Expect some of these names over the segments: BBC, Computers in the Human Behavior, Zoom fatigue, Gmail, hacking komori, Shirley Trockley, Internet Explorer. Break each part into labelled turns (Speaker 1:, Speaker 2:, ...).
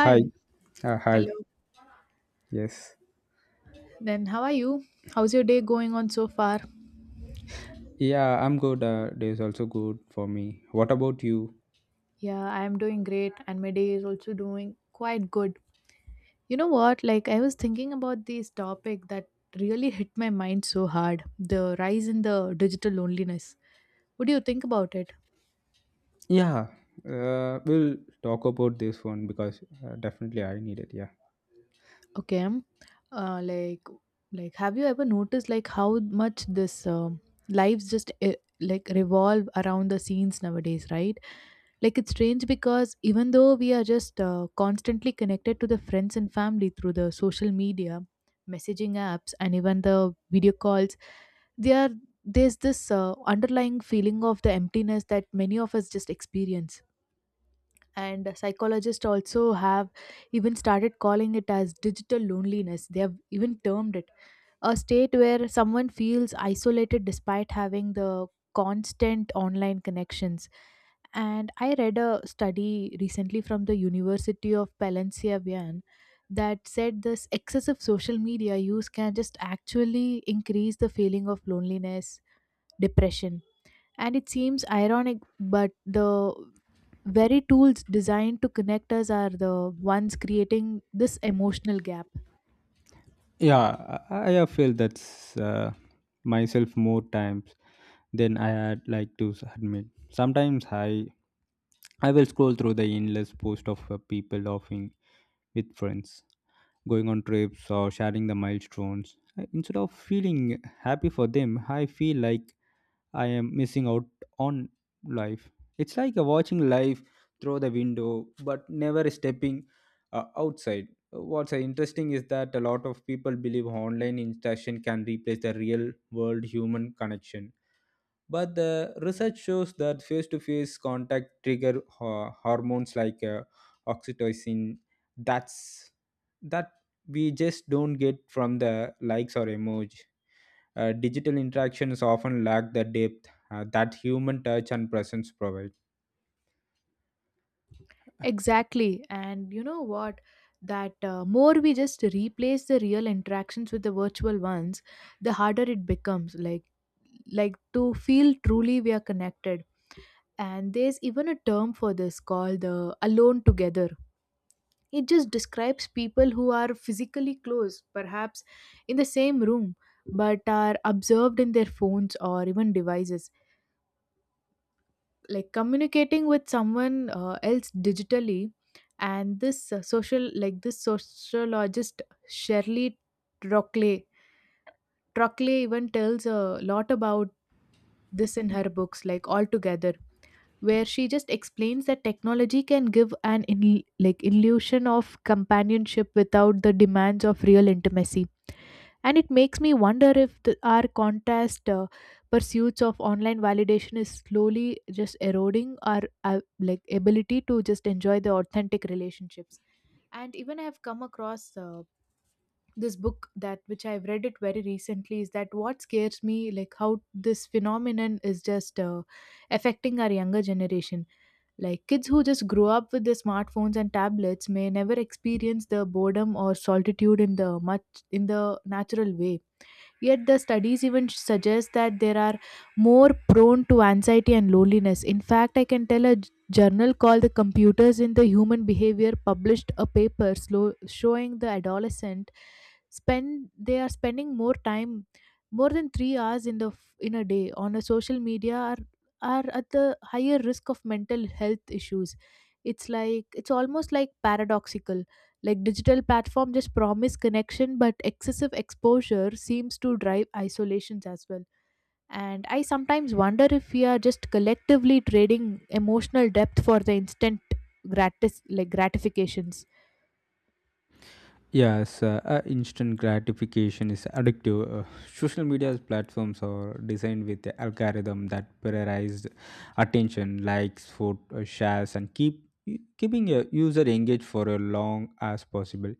Speaker 1: Hi. Hi.
Speaker 2: Hello.
Speaker 1: Yes.
Speaker 2: Then how are you? How's your day going on so far?
Speaker 1: Yeah, I'm good. Day is also good for me. What about you?
Speaker 2: Yeah, I am doing great and my day is also doing quite good. You know what? I was thinking about this topic that really hit my mind so hard, the rise in the digital loneliness. What do you think about it?
Speaker 1: Yeah. We'll talk about this one because definitely I need it. Yeah.
Speaker 2: Okay. Like, have you ever noticed like how much this lives just like revolve around the scenes nowadays, right? Like it's strange because even though we are just constantly connected to the friends and family through the social media, messaging apps, and even the video calls, there there's this underlying feeling of the emptiness that many of us just experience. And psychologists also have even started calling it as digital loneliness. They have even termed it a state where someone feels isolated despite having the constant online connections. And I read a study recently from the University of Palencia Bien that said this excessive social media use can just actually increase the feeling of loneliness, depression. And it seems ironic, but the very tools designed to connect us are the ones creating this emotional gap.
Speaker 1: Yeah. I have felt that's myself more times than I had like to admit. Sometimes I will scroll through the endless post of people laughing with friends, going on trips or sharing the milestones. Instead of feeling happy for them, I feel like I am missing out on life. It's like a watching life through the window, but never stepping outside. What's interesting is that a lot of people believe online interaction can replace the real world human connection. But the research shows that face to face contact trigger hormones like oxytocin. That's that we just don't get from the likes or emoji. Digital interactions often lack the depth that human touch and presence provide.
Speaker 2: Exactly. And you know what? That more we just replace the real interactions with the virtual ones, the harder it becomes. Like to feel truly we are connected. And there's even a term for this called the alone together. It just describes people who are physically close, perhaps in the same room, but are observed in their phones or even devices. Like communicating with someone else digitally, and this social, like this sociologist Shirley Trockley, even tells a lot about this in her books, like all together. Where she just explains that technology can give like illusion of companionship without the demands of real intimacy. And it makes me wonder if our contrast pursuits of online validation is slowly just eroding our like ability to just enjoy the authentic relationships. And even I have come across this book that which I've read it very recently is that what scares me like how this phenomenon is just affecting our younger generation. Like kids who just grow up with the smartphones and tablets may never experience the boredom or solitude in the natural way. Yet the studies even suggest that they are more prone to anxiety and loneliness. In fact, I can tell a journal called The Computers in the Human Behavior published a paper slow, showing the adolescent spend they are spending more time, more than 3 hours in the in a day on a social media, are at the higher risk of mental health issues. It's like it's almost like paradoxical. Like digital platform just promise connection, but excessive exposure seems to drive isolations as well. And I sometimes wonder if we are just collectively trading emotional depth for the instant gratis like gratifications.
Speaker 1: Yes, instant gratification is addictive. Social media platforms are designed with the algorithm that prioritized attention, likes, food, shares, and keeping a user engaged for as long as possible.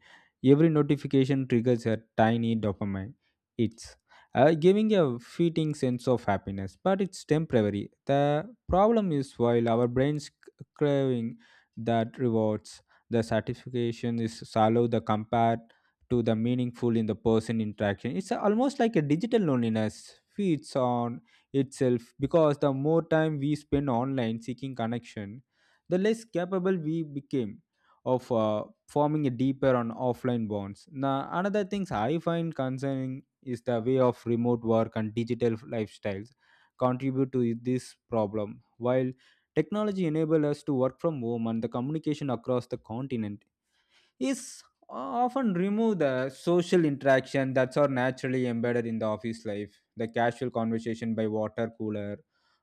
Speaker 1: Every notification triggers a tiny dopamine. It's giving a fleeting sense of happiness, but it's temporary. The problem is while our brains craving that rewards, the satisfaction is shallow the compared to the meaningful in the person interaction. It's almost like a digital loneliness feeds on itself because the more time we spend online seeking connection, the less capable we became of forming a deeper on offline bonds. Now another things I find concerning is the way of remote work and digital lifestyles contribute to this problem. While technology enabled us to work from home and the communication across the continent is often remove the social interaction that's are naturally embedded in the office life. The casual conversation by water cooler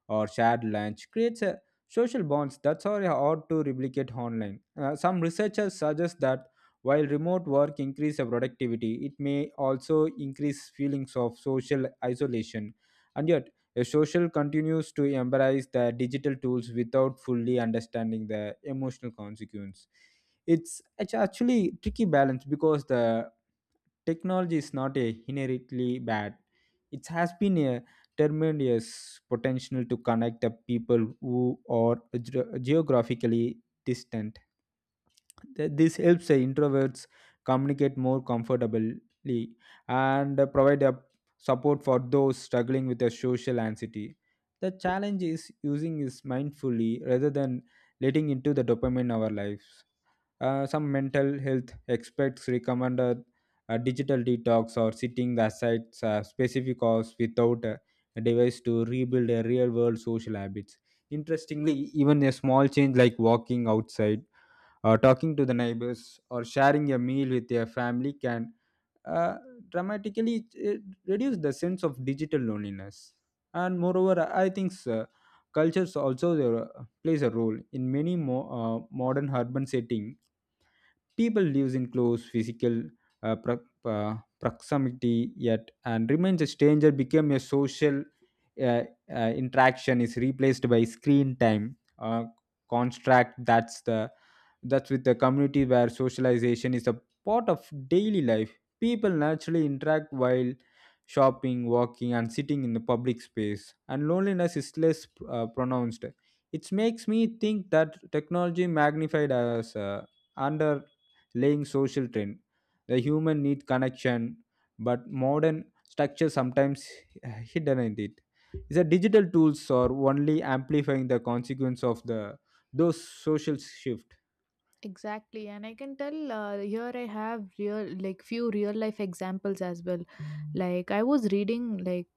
Speaker 1: or shared lunch creates a social bonds that's are hard to replicate online. Some researchers suggest that while remote work increase the productivity, it may also increase feelings of social isolation. And yet, a social continues to embrace the digital tools without fully understanding the emotional consequence. It's actually tricky balance because the technology is not a inherently bad. It has been a tremendous potential to connect the people who are geographically distant. This helps the introverts communicate more comfortably and provide a support for those struggling with a social anxiety. The challenge is using this mindfully rather than letting into the dopamine in our lives. Some mental health experts recommend a digital detox or sitting aside specific hours without a device to rebuild a real world social habits. Interestingly, even a small change like walking outside or talking to the neighbors or sharing a meal with your family can uh, dramatically reduce the sense of digital loneliness. And moreover, I think cultures also plays a role in many modern urban setting. People lives in close physical proximity yet and remains a stranger become a social uh, interaction is replaced by screen time. Contract that's with the community where socialization is a part of daily life. People naturally interact while shopping, walking and sitting in the public space, and loneliness is less pronounced. It makes me think that technology magnified as under laying social trend. The human need connection, but modern structure sometimes hidden in it. Is that digital tools are only amplifying the consequence of the those social shift.
Speaker 2: Exactly, and I can tell here I have real like few real life examples as well. Like I was reading like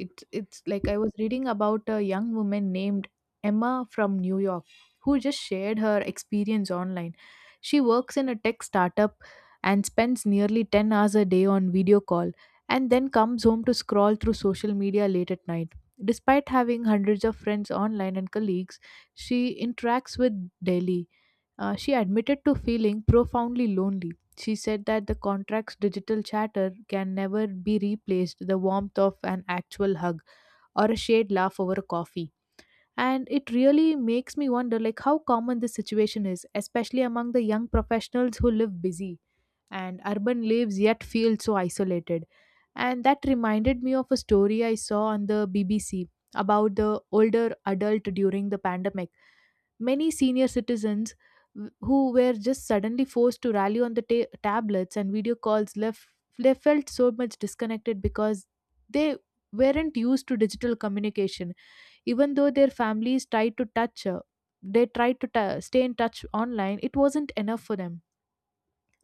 Speaker 2: It, it's like I was reading about a young woman named Emma from New York who just shared her experience online. She works in a tech startup and spends nearly 10 hours a day on video call, and then comes home to scroll through social media late at night. Despite having hundreds of friends online and colleagues, she interacts with daily. She admitted to feeling profoundly lonely. She said that the contract's digital chatter can never be replaced the warmth of an actual hug or a shared laugh over a coffee. And it really makes me wonder like how common this situation is, especially among the young professionals who live busy and urban lives yet feel so isolated. And that reminded me of a story I saw on the BBC about the older adult during the pandemic. Many senior citizens who were just suddenly forced to rally on the tablets and video calls left, they felt so much disconnected because they weren't used to digital communication. Even though their families tried to touch they tried to ta stay in touch online, it wasn't enough for them.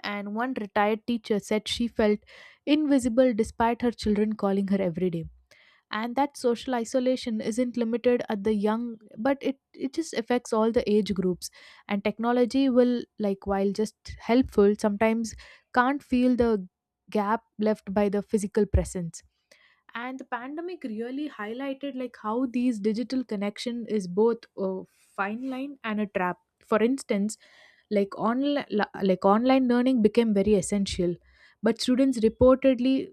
Speaker 2: And one retired teacher said she felt invisible despite her children calling her every day. And that social isolation isn't limited at the young, but it just affects all the age groups. And technology will like while just helpful sometimes can't feel the gap left by the physical presence. And the pandemic really highlighted like how these digital connection is both a fine line and a trap. For instance, like online online learning became very essential, but students reportedly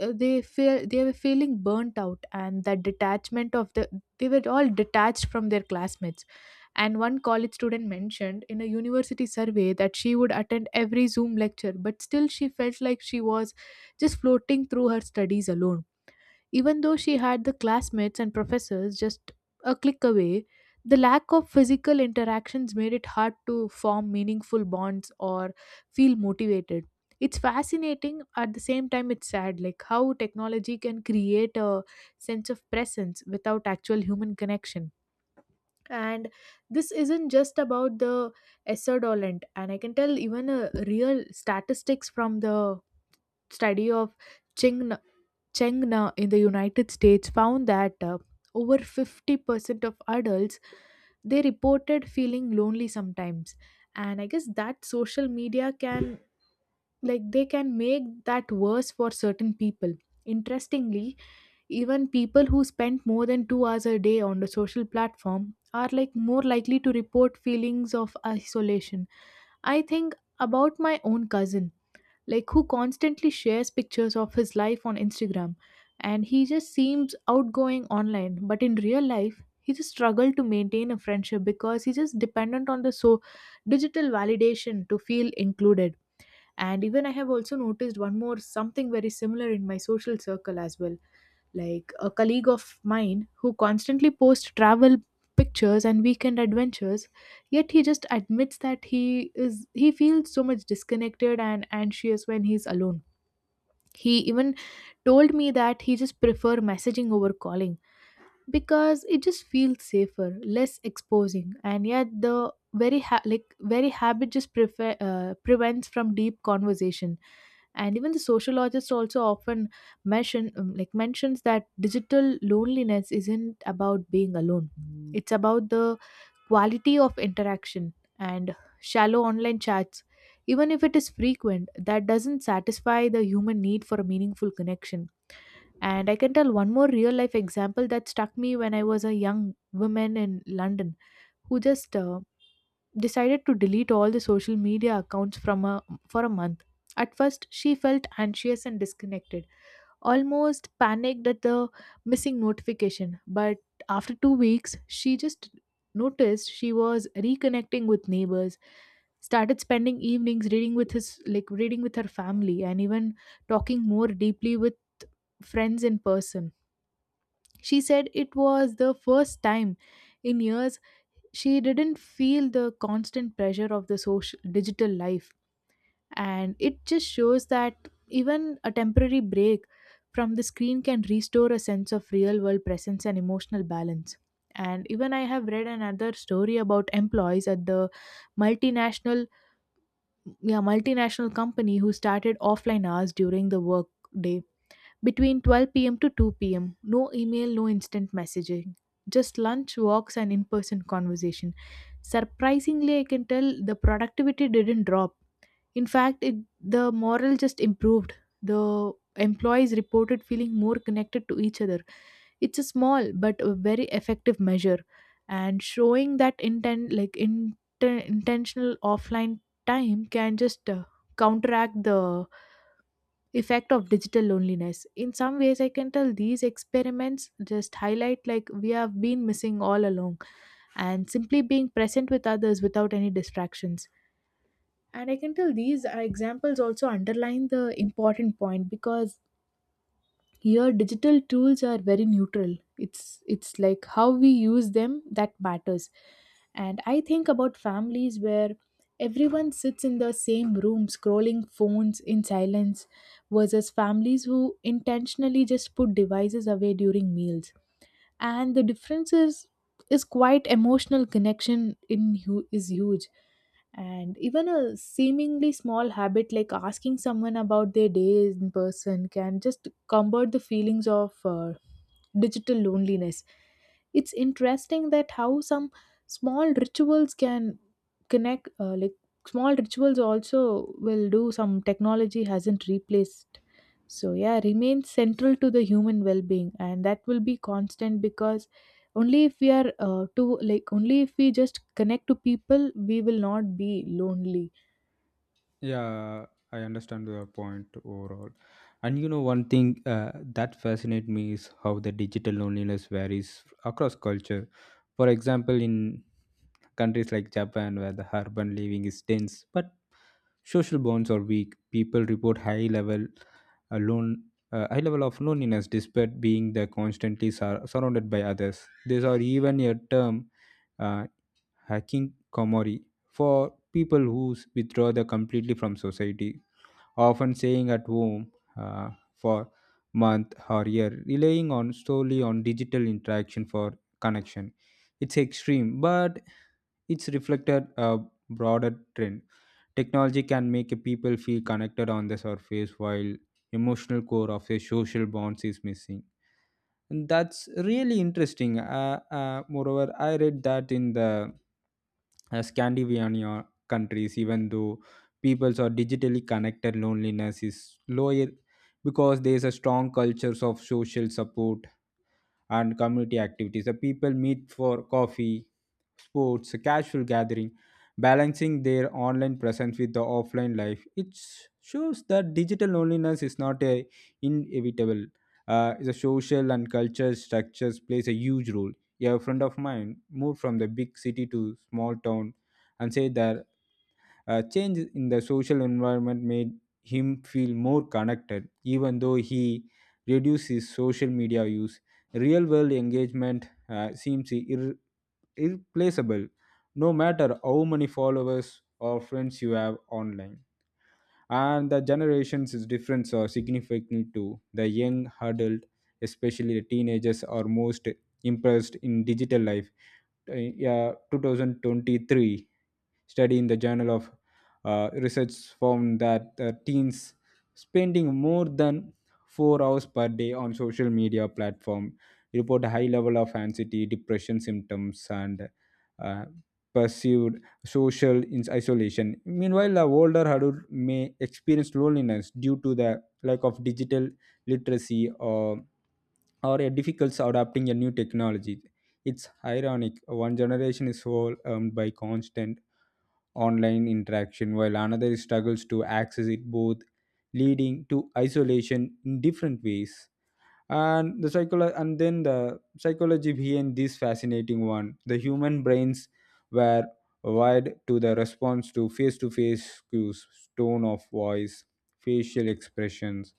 Speaker 2: they were feeling burnt out, and that detachment of the they were all detached from their classmates. And one college student mentioned in a university survey that she would attend every Zoom lecture, but still she felt like she was just floating through her studies alone, even though she had the classmates and professors just a click away. The lack of physical interactions made it hard to form meaningful bonds or feel motivated. It's fascinating at the same time it's sad like how technology can create a sense of presence without actual human connection. And this isn't just about the Esserdolent, and I can tell even a real statistics from the study of Cheng Chengna in the United States found that over 50% of adults, they reported feeling lonely sometimes. And I guess that social media can they can make that worse for certain people. Interestingly, even people who spend more than 2 hours a day on the social platform are like more likely to report feelings of isolation. I think about my own cousin, like who constantly shares pictures of his life on Instagram, and he just seems outgoing online, but in real life he just struggled to maintain a friendship because he's just dependent on the so digital validation to feel included. And even I have also noticed one more something very similar in my social circle as well. Like a colleague of mine who constantly posts travel pictures and weekend adventures, yet he just admits that he feels so much disconnected and anxious when he's alone. He even told me that he just prefer messaging over calling because it just feels safer, less exposing. And yet the very very habit just prevents from deep conversation. And even the sociologist also often mentions that digital loneliness isn't about being alone, it's about the quality of interaction. And shallow online chats, even if it is frequent, that doesn't satisfy the human need for a meaningful connection. And I can tell one more real life example that struck me when I was a young woman in London who just decided to delete all the social media accounts for a month. At first, she felt anxious and disconnected, almost panicked at the missing notification. But after 2 weeks, she just noticed she was reconnecting with neighbors, started spending evenings reading with his like reading with her family, and even talking more deeply with friends in person. She said it was the first time in years she didn't feel the constant pressure of the social digital life. And it just shows that even a temporary break from the screen can restore a sense of real world presence and emotional balance. And even I have read another story about employees at the multinational yeah multinational company who started offline hours during the work day between 12 p.m. to 2 p.m., no email, no instant messaging, just lunch, walks, and in person conversation. Surprisingly, I can tell the productivity didn't drop. In fact, the morale just improved. The employees reported feeling more connected to each other. It's a small but a very effective measure, and showing that intentional offline time can just counteract the effect of digital loneliness. In some ways, I can tell these experiments just highlight like we have been missing all along, and simply being present with others without any distractions. And I can tell these are examples also underline the important point because here, digital tools are very neutral. It's like how we use them that matters. And I think about families where everyone sits in the same room scrolling phones in silence versus families who intentionally just put devices away during meals, and the difference is quite emotional connection in is huge. And even a seemingly small habit like asking someone about their day in person can just combat the feelings of digital loneliness. It's interesting that how some small rituals can connect, like small rituals also will do. Some technology hasn't replaced, so yeah, remains central to the human well-being, and that will be constant because only if we are to like only if we just connect to people, we will not be lonely.
Speaker 1: Yeah, I understand your point overall. And one thing that fascinates me is how the digital loneliness varies across culture. For example, in countries like Japan, where the urban living is dense but social bonds are weak. People report high level alone. High level of loneliness despite being the constantly surrounded by others. These are even a term, uh, hacking komori, for people who withdraw the completely from society, often staying at home for month or year, relying on solely on digital interaction for connection. It's extreme, but it's reflected a broader trend. Technology can make a people feel connected on the surface while emotional core of a social bonds is missing. And that's really interesting. Moreover, I read that in the Scandinavian countries, even though peoples are digitally connected, loneliness is lower because there is a strong cultures of social support and community activities. The people meet for coffee, sports, casual gathering, balancing their online presence with the offline life. It shows that digital loneliness is not a inevitable. The social and cultural structures plays a huge role. A friend of mine moved from the big city to small town and said that change in the social environment made him feel more connected, even though he reduced his social media use. Real world engagement seems irreplaceable, no matter how many followers or friends you have online. And the generations is different or significant too. The young adult, especially the teenagers, are most impressed in digital life. Yeah, 2023 study in the Journal of Research found that teens spending more than 4 hours per day on social media platform report a high level of anxiety, depression symptoms, and uh, perceived social isolation. Meanwhile, the older adult may experience loneliness due to the lack of digital literacy or a difficulty adapting a new technology. It's ironic. One generation is overwhelmed by constant online interaction, while another struggles to access it both, leading to isolation in different ways. And and then the psychology behind this fascinating one. The human brains were wired to the response to face-to-face cues, tone of voice, facial expressions,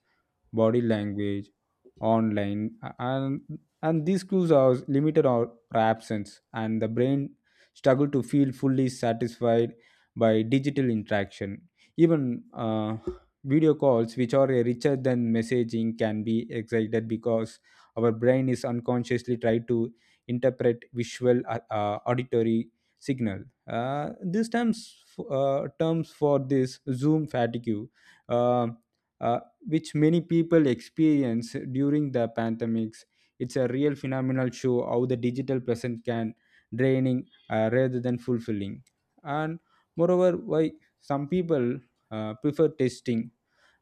Speaker 1: body language, online, and these clues are limited or absence, and the brain struggle to feel fully satisfied by digital interaction. Even video calls, which are richer than messaging, can be excited because our brain is unconsciously trying to interpret visual, auditory signal. These terms for this Zoom fatigue. Uh, uh, which many people experience during the pandemics. It's a real phenomenal show how the digital present can draining rather than fulfilling. And moreover, why some people prefer testing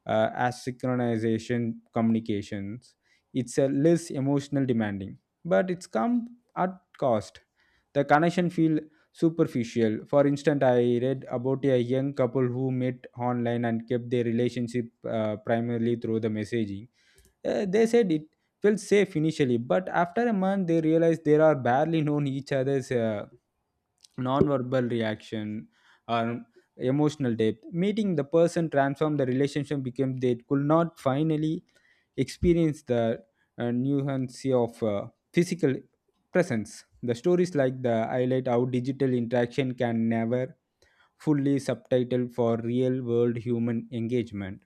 Speaker 1: asynchronization communications. It's a less emotional demanding, but it's come at cost. The connection feel superficial. For instance, I read about a young couple who met online and kept their relationship primarily through the messaging. They said it felt safe initially, but after a month they realized they are barely known each other's. Non-verbal reaction or emotional depth meeting the person transformed the relationship became they could not finally experience the nuance of physical presence. The stories like the highlight how digital interaction can never fully subtitle for real world human engagement.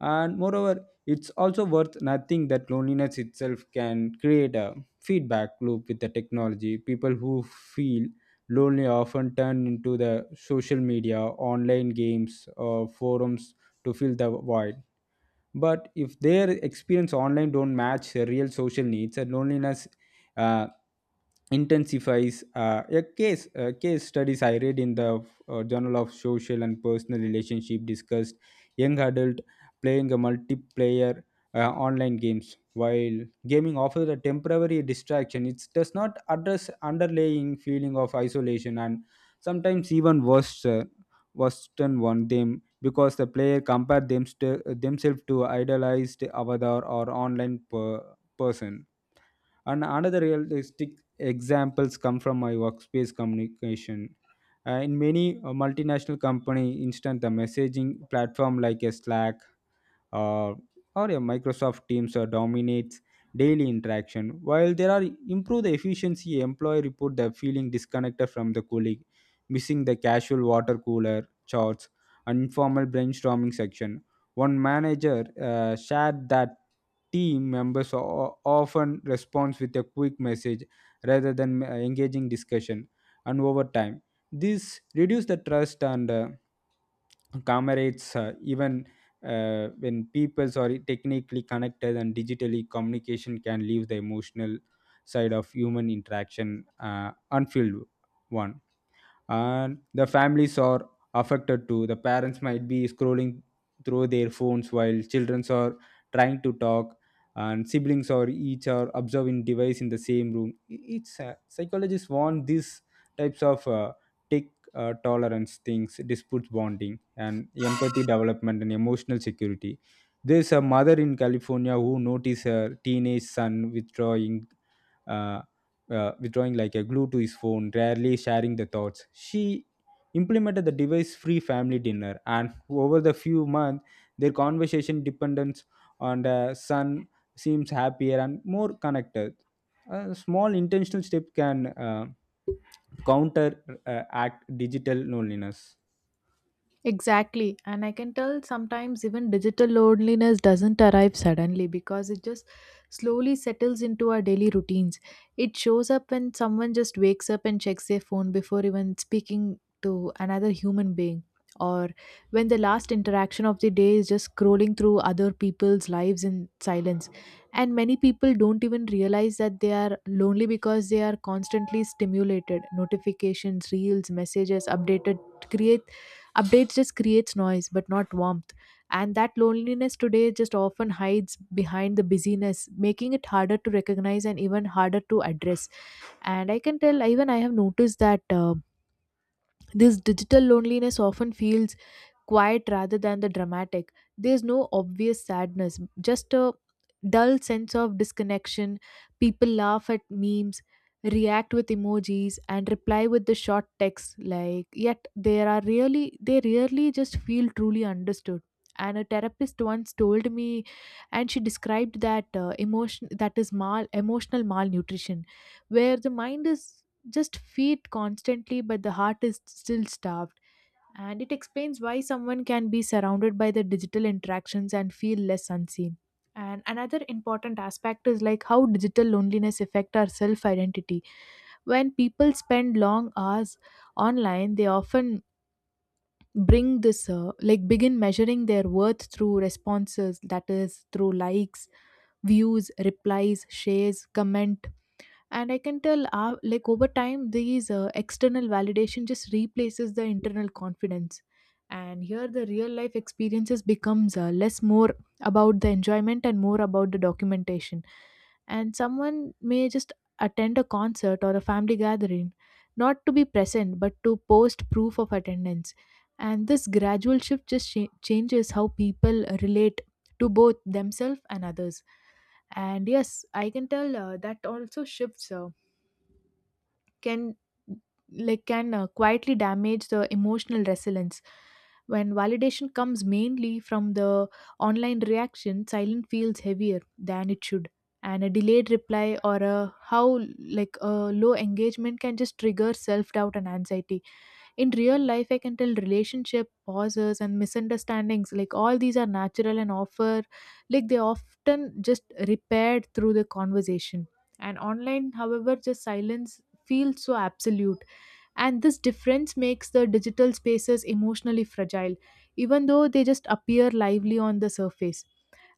Speaker 1: And moreover, it's also worth nothing that loneliness itself can create a feedback loop with the technology. People who feel lonely often turn into the social media, online games or forums to fill the void, but if their experience online don't match their real social needs and loneliness uh, intensifies. A case studies I read in the journal of social and personal relationship discussed young adult playing a multiplayer online games. While gaming offers a temporary distraction, it does not address underlying feeling of isolation and sometimes even worse worsen one them, because the player compare themselves to idolized avatar or online person. And another realistic examples come from my workspace communication. In many multinational company, instant the messaging platform like a Slack uh, or a Microsoft Teams dominates daily interaction. While there are improve the efficiency, employee report the feeling disconnected from the colleague, missing the casual water cooler chats and informal brainstorming section. One manager shared that team members often respond with a quick message rather than engaging discussion, and over time this reduce the trust and comrades. Even When people are technically connected and digitally, communication can leave the emotional side of human interaction unfilled one. And the families are affected too. The parents might be scrolling through their phones while children are trying to talk, and siblings are each are observing device in the same room. It's psychologists want these types of tech tolerance things disputes bonding and empathy development and emotional security. There's a mother in California who noticed her teenage son withdrawing, uh, withdrawing like a glue to his phone, rarely sharing the thoughts. She implemented the device free family dinner, and over the few months, their conversation dependence on the son seems happier and more connected. A small intentional step can counter act digital loneliness.
Speaker 2: Exactly. And I can tell sometimes even digital loneliness doesn't arrive suddenly because it just slowly settles into our daily routines. It shows up when someone just wakes up and checks their phone before even speaking to another human being, or when the last interaction of the day is just scrolling through other people's lives in silence. And many people don't even realize that they are lonely because they are constantly stimulated. Notifications, reels, messages, updated create Updates just creates noise but not warmth. And that loneliness today just often hides behind the busyness, making it harder to recognize and even harder to address. And I can tell, even I have noticed that this digital loneliness often feels quiet rather than the dramatic. There's no obvious sadness, just a dull sense of disconnection. People laugh at memes, react with emojis, and reply with the short texts. Like, yet there are really they rarely just feel truly understood. And a therapist once told me, and she described that emotion, that is mal emotional malnutrition, where the mind is just feed constantly, but the heart is still starved, and it explains why someone can be surrounded by the digital interactions and feel less unseen. And another important aspect is like how digital loneliness affect our self identity. When people spend long hours online, they often bring this, like begin measuring their worth through responses, that is through likes, views, replies, shares, comment. And I can tell, like over time these external validation just replaces the internal confidence. And here the real life experiences becomes, less, more about the enjoyment and more about the documentation. And someone may just attend a concert or a family gathering not to be present but to post proof of attendance. And this gradual shift just changes how people relate to both themselves and others. And yes, I can tell that also shifts, can like can quietly damage the emotional resilience. When validation comes mainly from the online reaction, silent feels heavier than it should. And a delayed reply or a how like a low engagement can just trigger self doubt and anxiety. In real life, I can tell relationship pauses and misunderstandings, like all these are natural and offer, like they often just repaired through the conversation. And online, however, just silence feels so absolute. And this difference makes the digital spaces emotionally fragile, even though they just appear lively on the surface.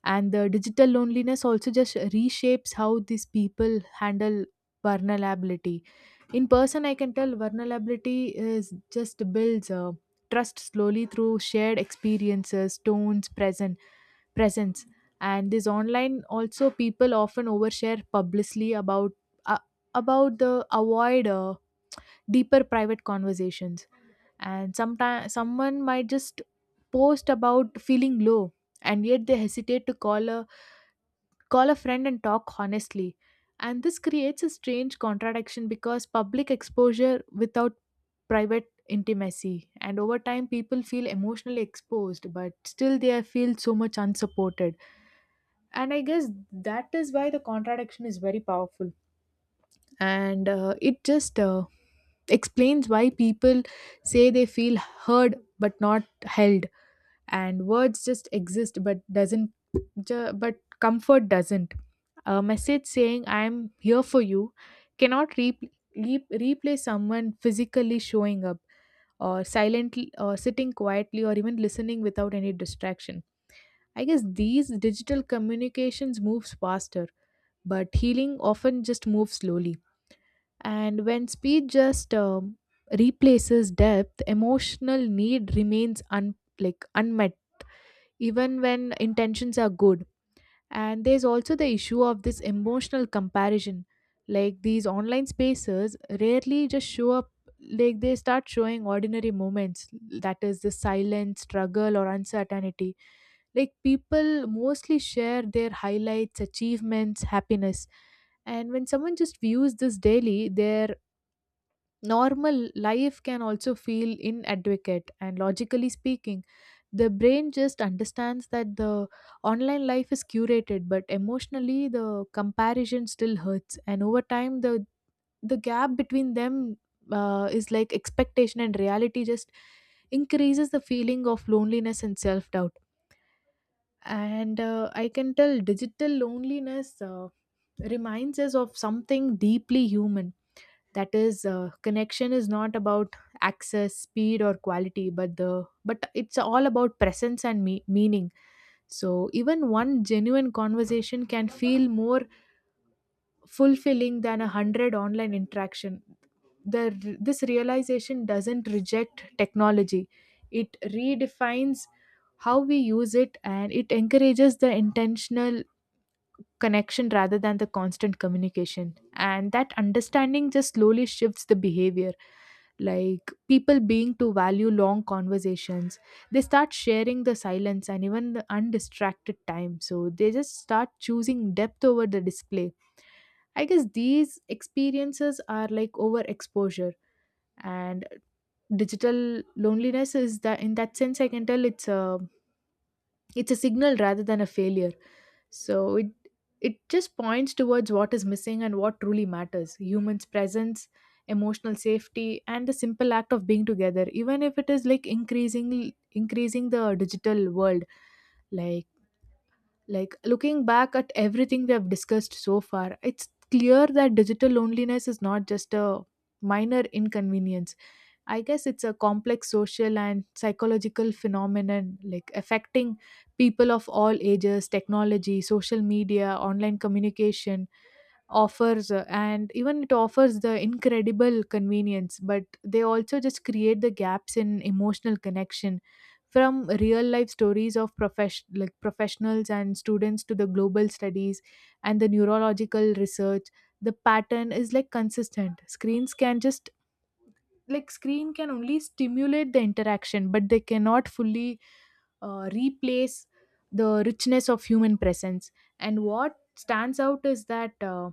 Speaker 2: And the digital loneliness also just reshapes how these people handle vulnerability. In person, I can tell vulnerability is just builds, trust slowly through shared experiences, tones present, presence. And this online also, people often overshare publicly about, uh, about the avoid, deeper private conversations. And sometimes someone might just post about feeling low, and yet they hesitate to call a friend and talk honestly. And this creates a strange contradiction because public exposure without private intimacy. And over time, people feel emotionally exposed, but still they feel so much unsupported. And I guess that is why the contradiction is very powerful. And it just explains why people say they feel heard but not held, and words just exist but doesn't ju- but comfort doesn't. A message saying I am here for you cannot replace someone physically showing up or silently or sitting quietly or even listening without any distraction. I guess these digital communications moves faster, but healing often just moves slowly. And when speed just replaces depth, emotional need remains like unmet, even when intentions are good. And there's also the issue of this emotional comparison. Like these online spaces rarely just show up, like they start showing ordinary moments, that is, the silence, struggle, or uncertainty. Like people mostly share their highlights, achievements, happiness. And when someone just views this daily, their normal life can also feel inadequate, and logically speaking, the brain just understands that the online life is curated, but emotionally, the comparison still hurts. And over time, the gap between them, is like expectation and reality just increases the feeling of loneliness and self doubt. And I can tell digital loneliness, reminds us of something deeply human, that is, connection is not about access, speed, or quality, but it's all about presence and meaning. So even one genuine conversation can feel more fulfilling than a hundred online interaction. The This realization doesn't reject technology, it redefines how we use it, and it encourages the intentional connection rather than the constant communication. And that understanding just slowly shifts the behavior. Like people being to value long conversations, they start sharing the silence and even the undistracted time. So they just start choosing depth over the display. I guess these experiences are like overexposure, and digital loneliness is that, in that sense I can tell it's a signal rather than a failure. So it just points towards what is missing and what truly matters: humans presence, emotional safety, and the simple act of being together, even if it is like increasingly increasing the digital world. like like looking back at everything we have discussed so far, it's clear that digital loneliness is not just a minor inconvenience. I guess it's a complex social and psychological phenomenon, like affecting people of all ages. Technology, social media, online communication offers, and even it offers the incredible convenience, but they also just create the gaps in emotional connection. From real life stories of like professionals and students to the global studies and the neurological research, the pattern is like consistent. Screens can just like screen can only stimulate the interaction, but they cannot fully replace the richness of human presence. And what stands out is that,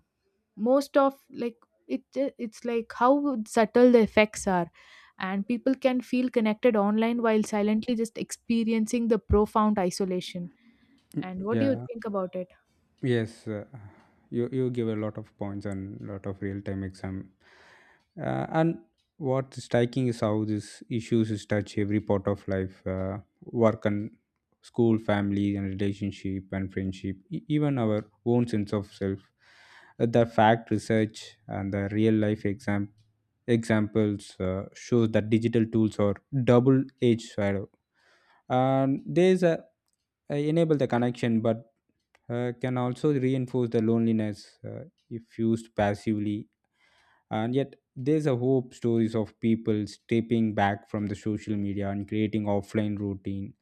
Speaker 2: most of like, it it's like how subtle the effects are. And people can feel connected online while silently just experiencing the profound isolation. And what do you
Speaker 1: Yeah,
Speaker 2: think about it?
Speaker 1: yes, you give a lot of points and lot of real time and what's striking is how these issues is touch every part of life, work and school, family and relationship and friendship, even our own sense of self. The fact research and the real life examples shows that digital tools are double edged sword, and there's a enable the connection but can also reinforce the loneliness if used passively. And yet, there's a hope stories of people stepping back from the social media and creating offline routine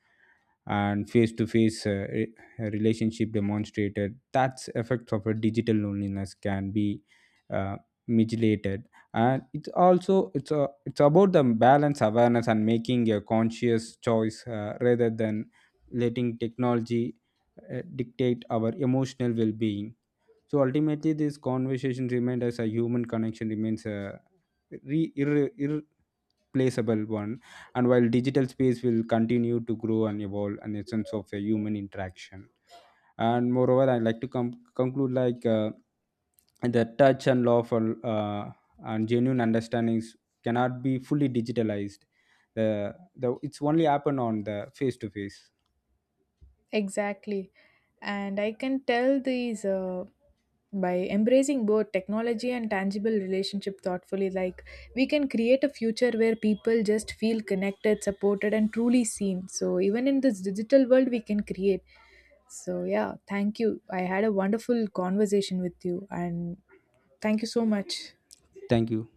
Speaker 1: and face to face relationship demonstrated that's effects of a digital loneliness can be uh, mitigated. And it's also it's about the balance awareness and making a conscious choice rather than letting technology dictate our emotional well-being. So ultimately, this conversation remained as a human connection remains a irreplaceable one. And while digital space will continue to grow and evolve an essence of a human interaction. And moreover, I'd like to conclude like the touch and lawful and genuine understandings cannot be fully digitalized. It's only happen on the face to face.
Speaker 2: Exactly. And I can tell these, by embracing both technology and tangible relationship thoughtfully, like we can create a future where people just feel connected, supported, and truly seen. So even in this digital world we can create. So yeah, thank you. I had a wonderful conversation with you, and thank you so much.
Speaker 1: Thank you.